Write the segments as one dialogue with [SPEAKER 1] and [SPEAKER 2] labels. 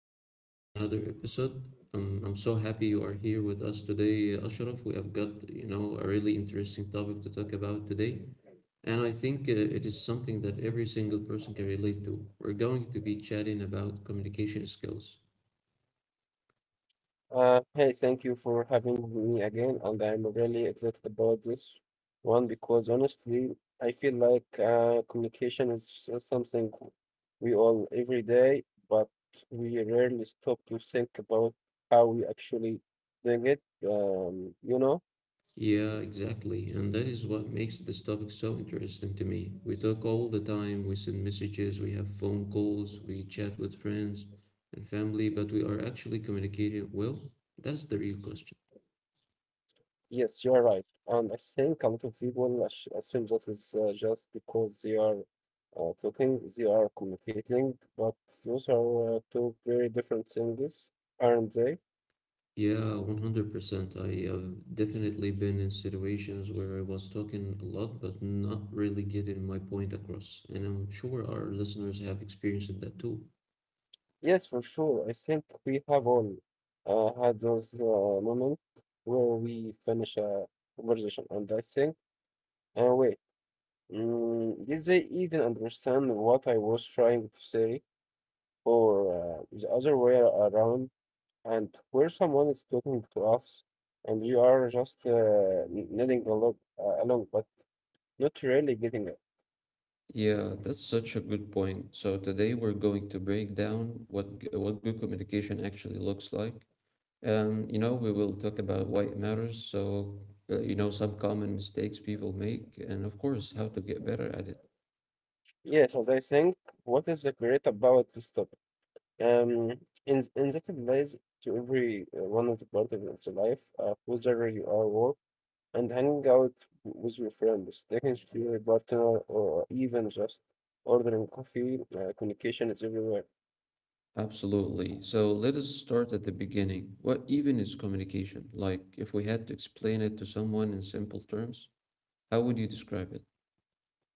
[SPEAKER 1] welcome back to another episode. I'm so happy you are here with us today, Ashraf. We have got, you know, a really interesting topic to talk about today, and I think it is something that every single person can relate to. We're going to be chatting about communication skills.
[SPEAKER 2] Hey, thank you for having me again, and I'm really excited about this one because honestly, I feel like communication is something we all every day, but we rarely stop to think about how we actually doing it.
[SPEAKER 1] Yeah, exactly. And that is what makes this topic so interesting to me. We talk all the time, we send messages, we have phone calls, we chat with friends and family, but we are actually communicating well? That's the real question.
[SPEAKER 2] Yes, you're right, and I think a lot of people assume that it's just because they are talking, they are communicating, but those are two very different things, aren't they?
[SPEAKER 1] Yeah, 100%. I have definitely been in situations where I was talking a lot but not really getting my point across. And I'm sure our listeners have experienced that too.
[SPEAKER 2] Yes, for sure. I think we have all had those moments where we finish a conversation, and I think, wait, did they even understand what I was trying to say, or the other way around? And where someone is talking to us, and you are just nodding along, but not really getting it.
[SPEAKER 1] Yeah, that's such a good point. So today we're going to break down what good communication actually looks like. We will talk about why it matters. So, some common mistakes people make, and of course, how to get better at it.
[SPEAKER 2] Yes, and I think what is the great about this topic? Um, in that it applies to every one of the part of the life, whether you are work and hanging out with your friends, taking to your partner, or even just ordering coffee. Communication is everywhere.
[SPEAKER 1] Absolutely. So let us start at the beginning. What even is communication? Like, if we had to explain it to someone in simple terms, how would you describe it?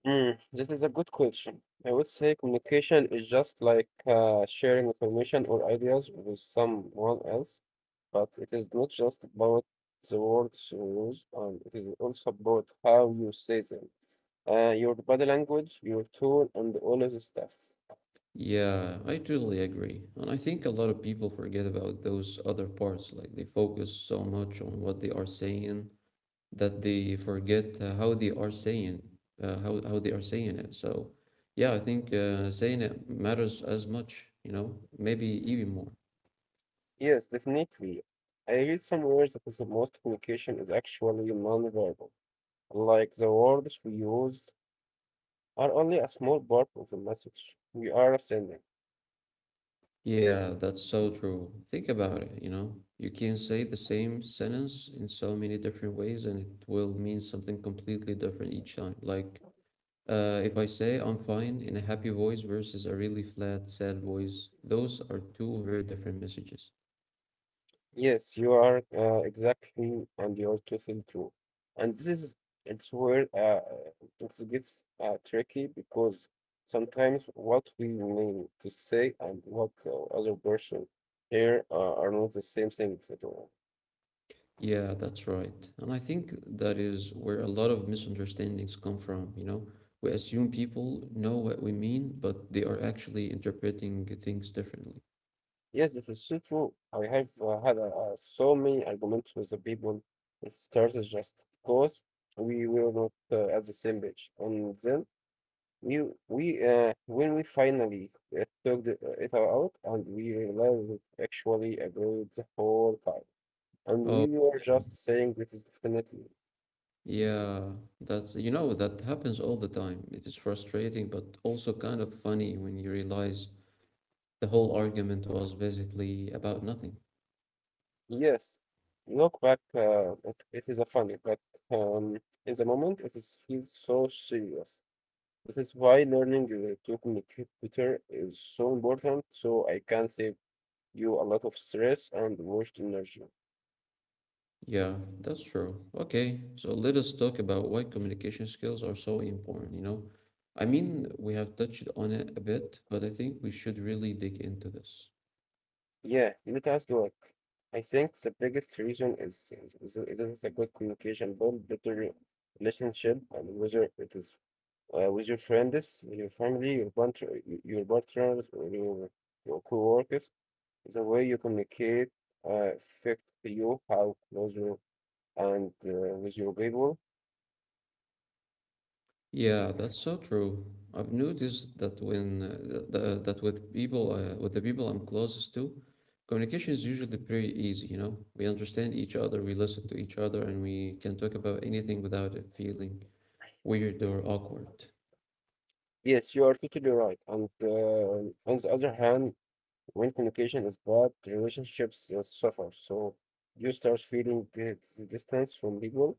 [SPEAKER 2] This is a good question. I would say communication is just like sharing information or ideas with someone else. But it is not just about the words you use, and it is also about how you say them, your body language, your tone, and all of the stuff.
[SPEAKER 1] Yeah, I totally agree. And I think a lot of people forget about those other parts. Like, they focus so much on what they are saying that they forget how they are saying, how they are saying it. So, yeah, I think saying it matters as much, you know, maybe even more.
[SPEAKER 2] Yes, definitely. I read somewhere that the most communication is actually non-verbal. Like the words we use are only a small part of the message we are sending.
[SPEAKER 1] Yeah, that's so true. Think about it, you know. You can say the same sentence in so many different ways and it will mean something completely different each time. Like, if I say I'm fine in a happy voice versus a really flat, sad voice, those are two very different messages.
[SPEAKER 2] Yes, you are exactly, and you're totally true. And this is it's where it gets tricky because sometimes what we mean to say and what the other person here are not the same things at all.
[SPEAKER 1] Yeah, that's right. And I think that is where a lot of misunderstandings come from, you know. We assume people know what we mean, but they are actually interpreting things differently.
[SPEAKER 2] Yes, this is so true. I have had so many arguments with the people. It started just because we were not at the same page, and then We we when we finally it out and we realized it actually about the whole time, and we
[SPEAKER 1] Oh,
[SPEAKER 2] were
[SPEAKER 1] yeah.
[SPEAKER 2] just saying it is definitely
[SPEAKER 1] Yeah, that happens all the time. It is frustrating, but also kind of funny when you realize the whole argument was basically about nothing.
[SPEAKER 2] yes. Look back, it is a funny, but um, in the moment it is feels so serious. This is why learning to communicate better is so important. So I can save you a lot of stress and wasted energy.
[SPEAKER 1] Yeah, that's true. Okay, so let us talk about why communication skills are so important, you know? I mean, we have touched on it a bit, but I think we should really dig into this.
[SPEAKER 2] Yeah, let us to ask I think the biggest reason is it's a good communication, build better relationship, and whether it is with your friends, your family, your partner, your partners, or your coworkers. The way you communicate affect you how closer and with your people.
[SPEAKER 1] Yeah, that's so true. I've noticed that when th- th- that with people with the people I'm closest to, communication is usually pretty easy, you know. We understand each other, we listen to each other, and we can talk about anything without it feeling weird or awkward.
[SPEAKER 2] Yes, you are totally right. And on the other hand, when communication is bad, relationships suffer. So you start feeling the distance from people,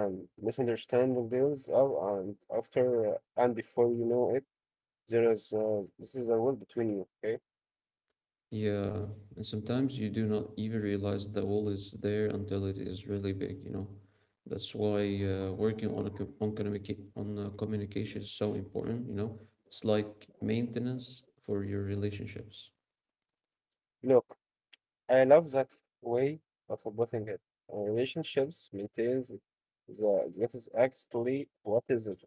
[SPEAKER 2] and misunderstanding builds up. And after and before you know it, there is this is a world between you. Okay,
[SPEAKER 1] Yeah, and sometimes you do not even realize the wall is there until it is really big, you know. That's why working on a co- on communica- on communication is so important, you know. It's like maintenance for your relationships.
[SPEAKER 2] look, I love that way of putting it. Relationships maintains the that is actually what is it?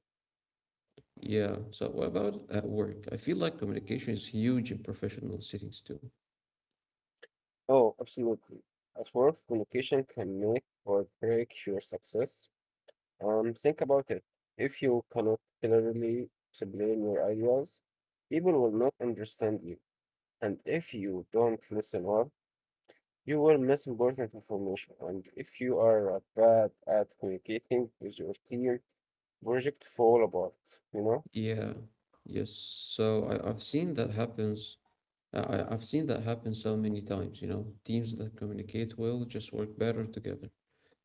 [SPEAKER 1] Yeah. So what about at work? I feel like communication is huge in professional settings too.
[SPEAKER 2] Oh, absolutely. At work, communication can make or break your success. Think about it. If you cannot clearly explain your ideas, people will not understand you. And if you don't listen well, you will miss important information. And if you are bad at communicating with your team, project fall apart, you know?
[SPEAKER 1] Yeah. Yes. I've seen that happen so many times, you know. Teams that communicate well just work better together.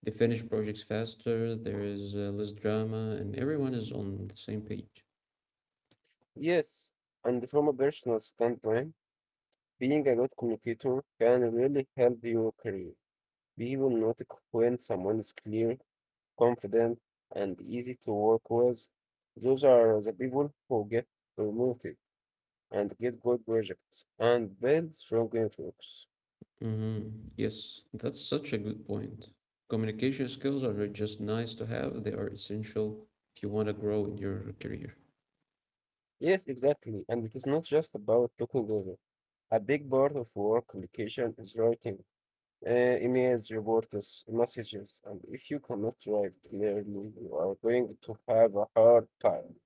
[SPEAKER 1] They finish projects faster, there is less drama, and everyone is on the same page.
[SPEAKER 2] Yes, and from a personal standpoint, being a good communicator can really help your career. Be hypnotic when someone is clear, confident, and easy to work with. Those are the people who get promoted and get good projects and build strong networks.
[SPEAKER 1] Mm-hmm. Yes, that's such a good point. Communication skills are not just nice to have, they are essential if you want to grow in your career.
[SPEAKER 2] Yes, exactly. And it is not just about looking over. A big part of work communication is writing emails, reports, messages, and if you cannot write clearly, you are going to have a hard time.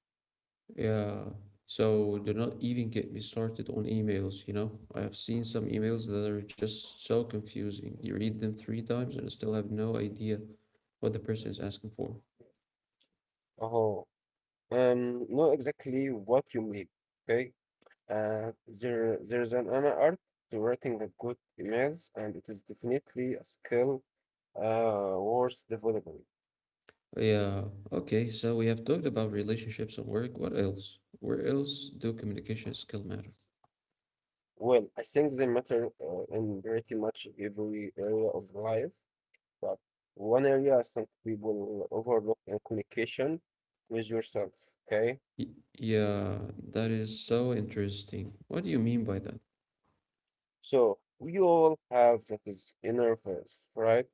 [SPEAKER 1] Yeah. So do not even get me started on emails, you know? I have seen some emails that are just so confusing. You read them three times and I still have no idea what the person is asking for.
[SPEAKER 2] Oh, know exactly what you mean, okay? There's an art to writing a good emails, and it is definitely a skill worth developing.
[SPEAKER 1] Yeah. Okay, so we have talked about relationships and work. What else? Where else do communication skill matter?
[SPEAKER 2] Well, I think they matter in pretty much every area of life, but one area I think people overlook in communication with yourself. Okay,
[SPEAKER 1] Y- yeah, that is so interesting. What do you mean by that?
[SPEAKER 2] so we all have that is inner voice, right?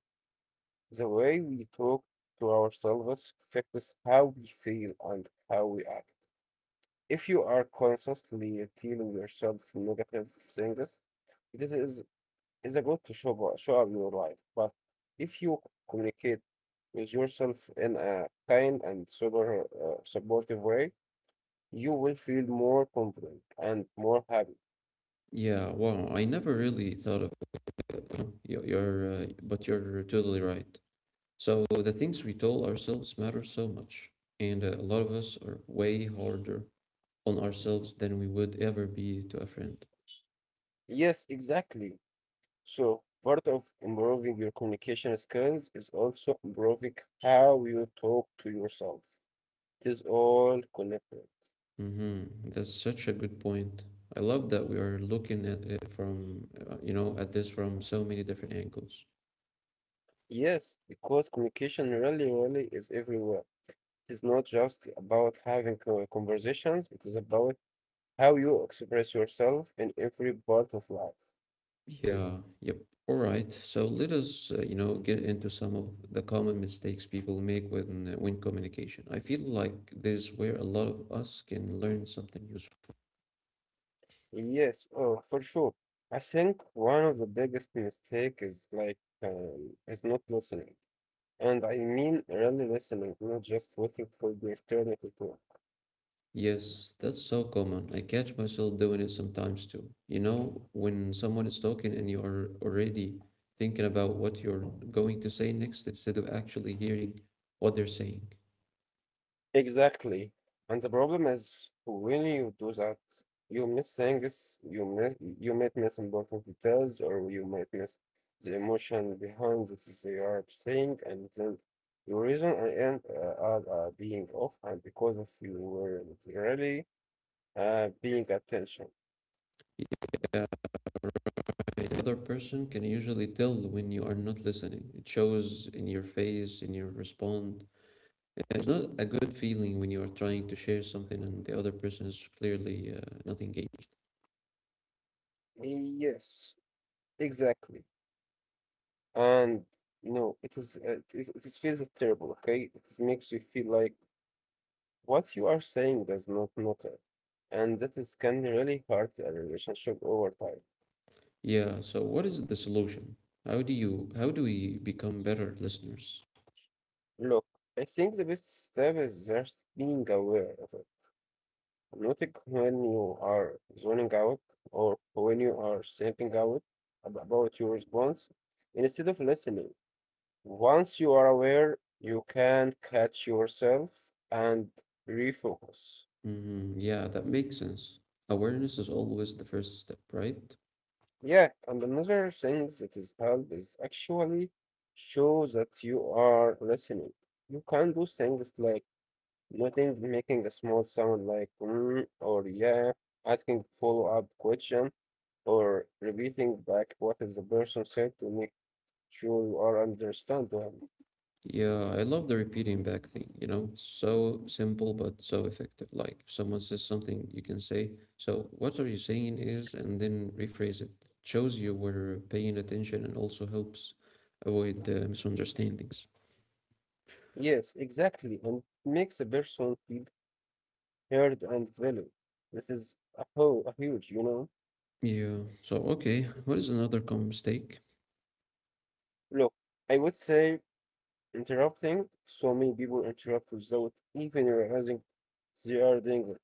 [SPEAKER 2] The way we talk to ourselves affects how we feel and how we act. If you are consistently telling yourself negative things, it is a good to show, show up your life. But if you communicate with yourself in a kind and sober supportive way, you will feel more confident and more happy.
[SPEAKER 1] Yeah, wow, I never really thought of it. You know? You're but you're totally right. So the things we tell ourselves matter so much, and a lot of us are way harder on ourselves than we would ever be to a friend.
[SPEAKER 2] Yes, exactly. So, part of improving your communication skills is also improving how you talk to yourself. It is all connected.
[SPEAKER 1] Mm-hmm. That's such a good point. I love that we are looking at it from, at this from so many different angles.
[SPEAKER 2] Yes, because communication really, really is everywhere. It is not just about having conversations, it is about how you express yourself in every part of life.
[SPEAKER 1] Yeah, yep. All right. So let us, get into some of the common mistakes people make when communication. I feel like this is where a lot of us can learn something useful.
[SPEAKER 2] Yes, oh, for sure. I think one of the biggest mistakes is is not listening, and I mean really listening, not just waiting for the eternity to.
[SPEAKER 1] Yes, that's so common. I catch myself doing it sometimes too. You know, when someone is talking and you are already thinking about what you're going to say next instead of actually hearing what they're saying.
[SPEAKER 2] Exactly. And the problem is when you do that, you miss things, you might miss important details or you might miss the emotion behind that they are saying and then your reason I end up being off and because of you were really being attention.
[SPEAKER 1] Yeah, the other person can usually tell when you are not listening. It shows in your face, in your response. It's not a good feeling when you are trying to share something and the other person is clearly not engaged.
[SPEAKER 2] Yes, exactly. And you know it is it is feels terrible, okay? It is- makes you feel like what you are saying does not matter, and that is can really hurt a relationship over time.
[SPEAKER 1] Yeah, so what is the solution? How do we become better listeners?
[SPEAKER 2] Look, I think the best step is just being aware of it. Noting when you are zoning out or when you are thinking out about your response instead of listening. Once you are aware, you can catch yourself and refocus.
[SPEAKER 1] Hmm, yeah, that makes sense. Awareness is always the first step, right?
[SPEAKER 2] Yeah, and another thing that is help is actually show that you are listening. You can do things like nothing, making a small sound like mm, or yeah, asking follow-up question or repeating back what is the person said to make sure you are understand them.
[SPEAKER 1] Yeah, I love the repeating back thing, you know? So simple but so effective. Like if someone says something, you can say, so what are you saying is, and then rephrase it. Shows you were paying attention and also helps avoid misunderstandings.
[SPEAKER 2] Yes, exactly, and it makes the person feel heard and valued. This is a, a huge, you know.
[SPEAKER 1] Yeah. So, okay, what is another common mistake?
[SPEAKER 2] Look, I would say interrupting, so many people interrupt without even realizing they are doing it.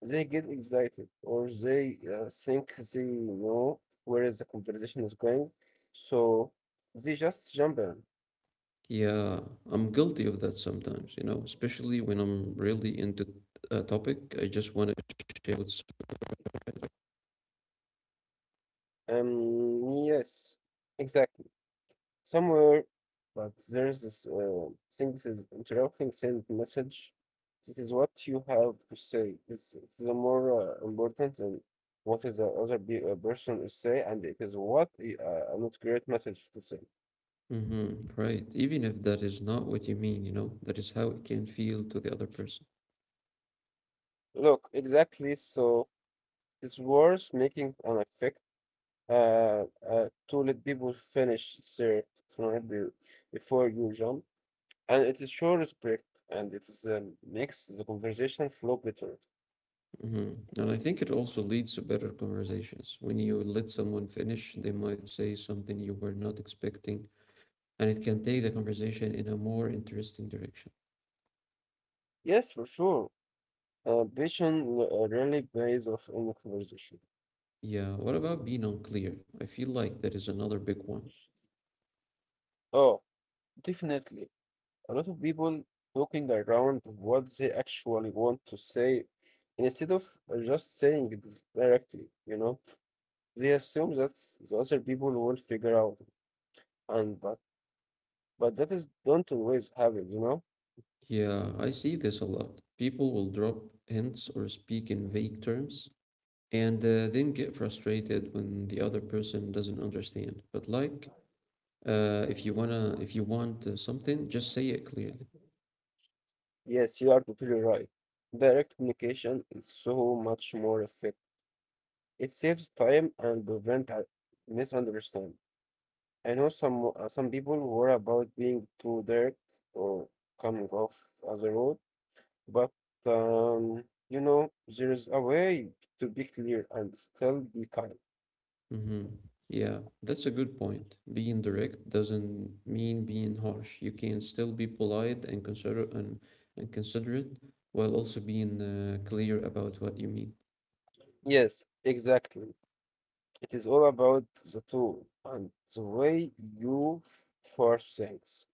[SPEAKER 2] They get excited or they think they know where is the conversation is going, so they just jump in.
[SPEAKER 1] Yeah, I'm guilty of that sometimes, you know, especially when I'm really into a topic. I just want to share what's
[SPEAKER 2] Yes, exactly, somewhere, but there's this thing that is interrupting send message. This is what you have to say. It's the more important than what is the other person is say, and it is what a not great message to say.
[SPEAKER 1] Mm-hmm. Right. Even if that is not what you mean, you know, that is how it can feel to the other person.
[SPEAKER 2] Look, exactly. So it's worth making an effect to let people finish their thread before you jump, and it is show respect, and it is makes the conversation flow better.
[SPEAKER 1] Hmm. And I think it also leads to better conversations. When you let someone finish, they might say something you were not expecting, and it can take the conversation in a more interesting direction.
[SPEAKER 2] Yes, for sure. Ambition really pays off in the conversation.
[SPEAKER 1] Yeah. What about being unclear? I feel like that is another big one.
[SPEAKER 2] Oh, definitely. A lot of people talking around what they actually want to say instead of just saying it directly, you know. They assume that the other people will figure out and but that is don't always happen, you know?
[SPEAKER 1] Yeah, I see this a lot. People will drop hints or speak in vague terms and then get frustrated when the other person doesn't understand. But like, if you want something, just say it clearly.
[SPEAKER 2] Yes, you are totally right. Direct communication is so much more effective. It saves time and prevent misunderstanding. I know some people worry about being too direct or coming off as a road, but you know, there is a way to be clear and still be kind.
[SPEAKER 1] Hmm. Yeah, that's a good point. Being direct doesn't mean being harsh. You can still be polite and considerate while also being clear about what you mean.
[SPEAKER 2] Yes, exactly. It is all about the tool and the way you force things.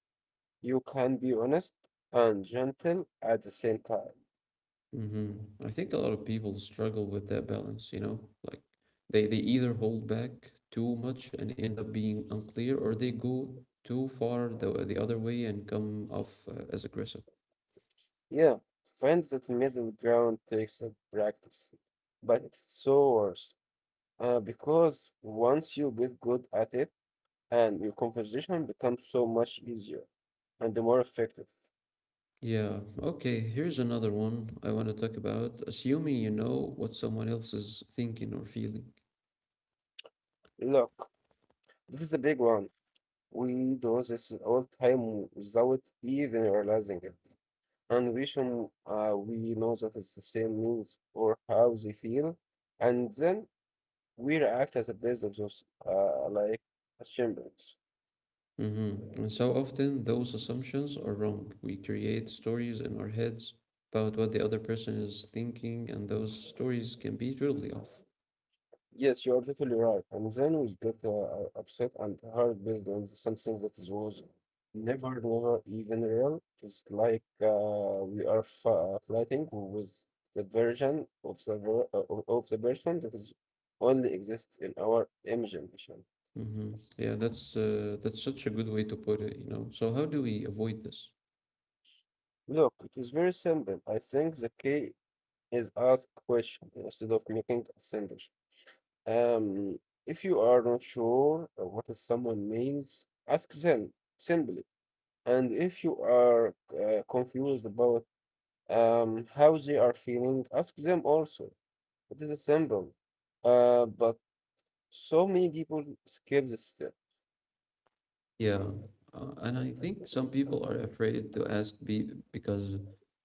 [SPEAKER 2] You can be honest and gentle at the same time.
[SPEAKER 1] Hmm. I think a lot of people struggle with that balance, you know? Like they either hold back too much and end up being unclear, or they go too far the other way and come off as aggressive.
[SPEAKER 2] Yeah, find that middle ground takes some practice, but it's so worth. Because once you get good at it, and your conversation becomes so much easier and more effective.
[SPEAKER 1] Yeah. Okay. Here's another one I want to talk about. Assuming you know what someone else is thinking or feeling.
[SPEAKER 2] Look, this is a big one. We do this all time without even realizing it. And we should, we know that it's the same means or how they feel, and then we react as a based of those, like as champions.
[SPEAKER 1] Mm-hmm. And so often those assumptions are wrong. We create stories in our heads about what the other person is thinking, and those stories can be totally off.
[SPEAKER 2] Yes, you are totally right. And then we get upset and hurt based on something that is was never even real. It's like we are f fighting with the version of the ver of the person that is only exists in our imagination.
[SPEAKER 1] Mm-hmm. Yeah, that's such a good way to put it, you know. So how do we avoid this?
[SPEAKER 2] Look, it is very simple. I think the key is ask question instead of making assumptions. Um, if you are not sure what is someone means, ask them simply. And if you are confused about how they are feeling, ask them also. It is simple, but so many people skip this step.
[SPEAKER 1] Yeah, and I think some people are afraid to ask be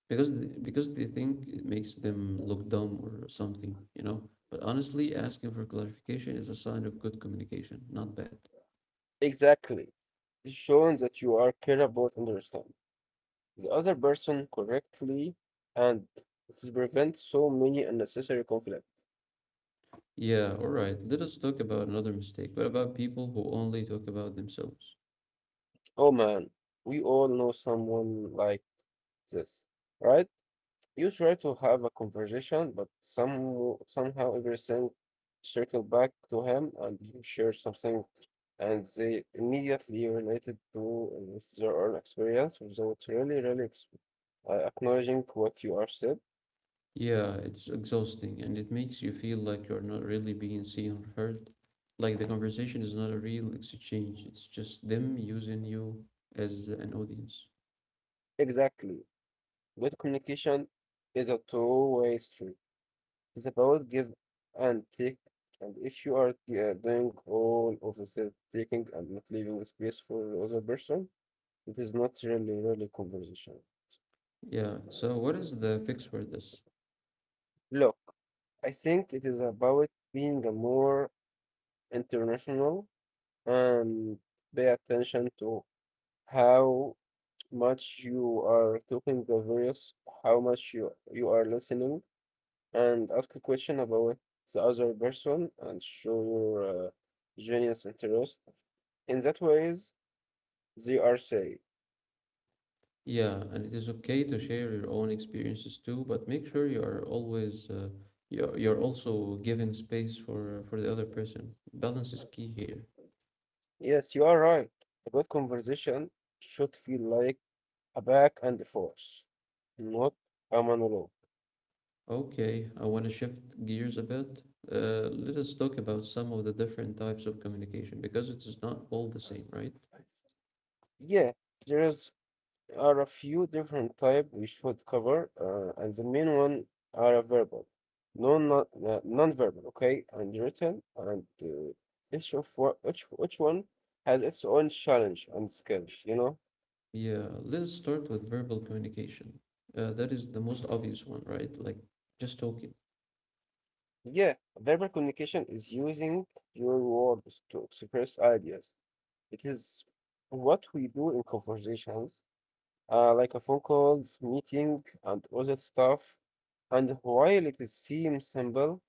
[SPEAKER 1] because th- because they think it makes them look dumb or something, you know. But honestly, asking for clarification is a sign of good communication, not bad.
[SPEAKER 2] Exactly. It's showing that you are care about understand the other person correctly, and it prevents so many unnecessary conflict.
[SPEAKER 1] Yeah, all right. Let us talk about another mistake. What about people who only talk about themselves?
[SPEAKER 2] Oh man, we all know someone like this, right? You try to have a conversation, but somehow everything circle back to him, and you share something, and they immediately related to with their own experience without really acknowledging what you are said.
[SPEAKER 1] Yeah, it's exhausting and it makes you feel like you're not really being seen or heard. Like the conversation is not a real exchange, it's just them using you as an audience.
[SPEAKER 2] Exactly. Good communication is a two-way street. It's about give and take. And if you are doing all of the self taking and not leaving space for the other person, it is not really conversation.
[SPEAKER 1] Yeah, so what is the fix for this?
[SPEAKER 2] Look, I think it is about being a more international and pay attention to how much you are talking the various, how much you are listening, and ask a question about the other person and show your genius interest in that ways, they are safe.
[SPEAKER 1] Yeah, and it is okay to share your own experiences too, but make sure you are always you're also giving space for the other person. Balance is key here.
[SPEAKER 2] Yes, you are right. A good conversation should feel like a back and forth, not a monologue.
[SPEAKER 1] Okay, I want to shift gears a bit. Let us talk about some of the different types of communication because it is not all the same, right?
[SPEAKER 2] Yeah, there is are a few different type we should cover, and the main one are verbal, non-verbal, okay, and written, and each of what each one has its own challenge and skills, you know.
[SPEAKER 1] Yeah, let's start with verbal communication. That is the most obvious one, right? Like just talking.
[SPEAKER 2] Yeah, verbal communication is using your words to express ideas. It is what we do in conversations, like a phone call, meeting, and other stuff. And while it seems simple,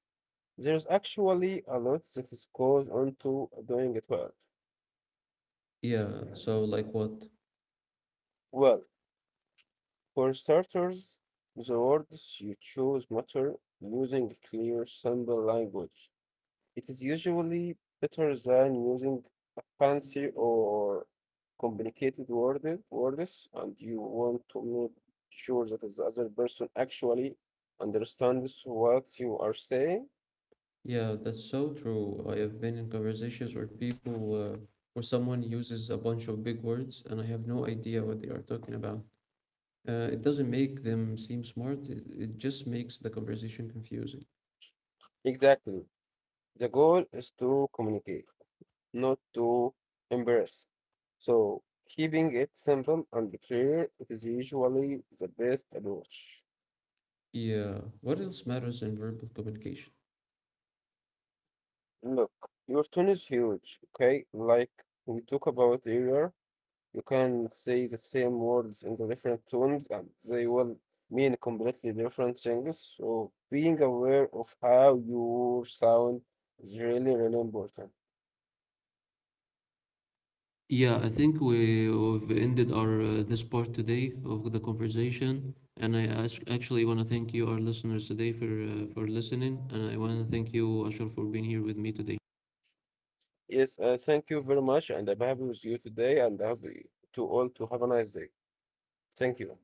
[SPEAKER 2] there's actually a lot that is goes onto doing it well.
[SPEAKER 1] Yeah, so like what?
[SPEAKER 2] Well, for starters, the words you choose matter using clear, simple language. It is usually better than using fancy or complicated words, and you want to make sure that the other person actually understands what you are saying.
[SPEAKER 1] Yeah, that's so true. I have been in conversations where where someone uses a bunch of big words and I have no idea what they are talking about. It doesn't make them seem smart, it just makes the conversation confusing.
[SPEAKER 2] Exactly. The goal is to communicate, not to embarrass. So, keeping it simple and clear, it is usually the best approach.
[SPEAKER 1] Yeah, what else matters in verbal communication?
[SPEAKER 2] Look, your tone is huge, okay? Like we talked about earlier, you can say the same words in the different tones and they will mean completely different things. So being aware of how your sound is really important.
[SPEAKER 1] Yeah, I think we've ended our this part today of the conversation, and I actually want to thank you, our listeners, today for listening, and I want to thank you, Ashar, for being here with me today.
[SPEAKER 2] Yes, thank you very much, and I'm happy with you today, and happy to all to have a nice day. Thank you.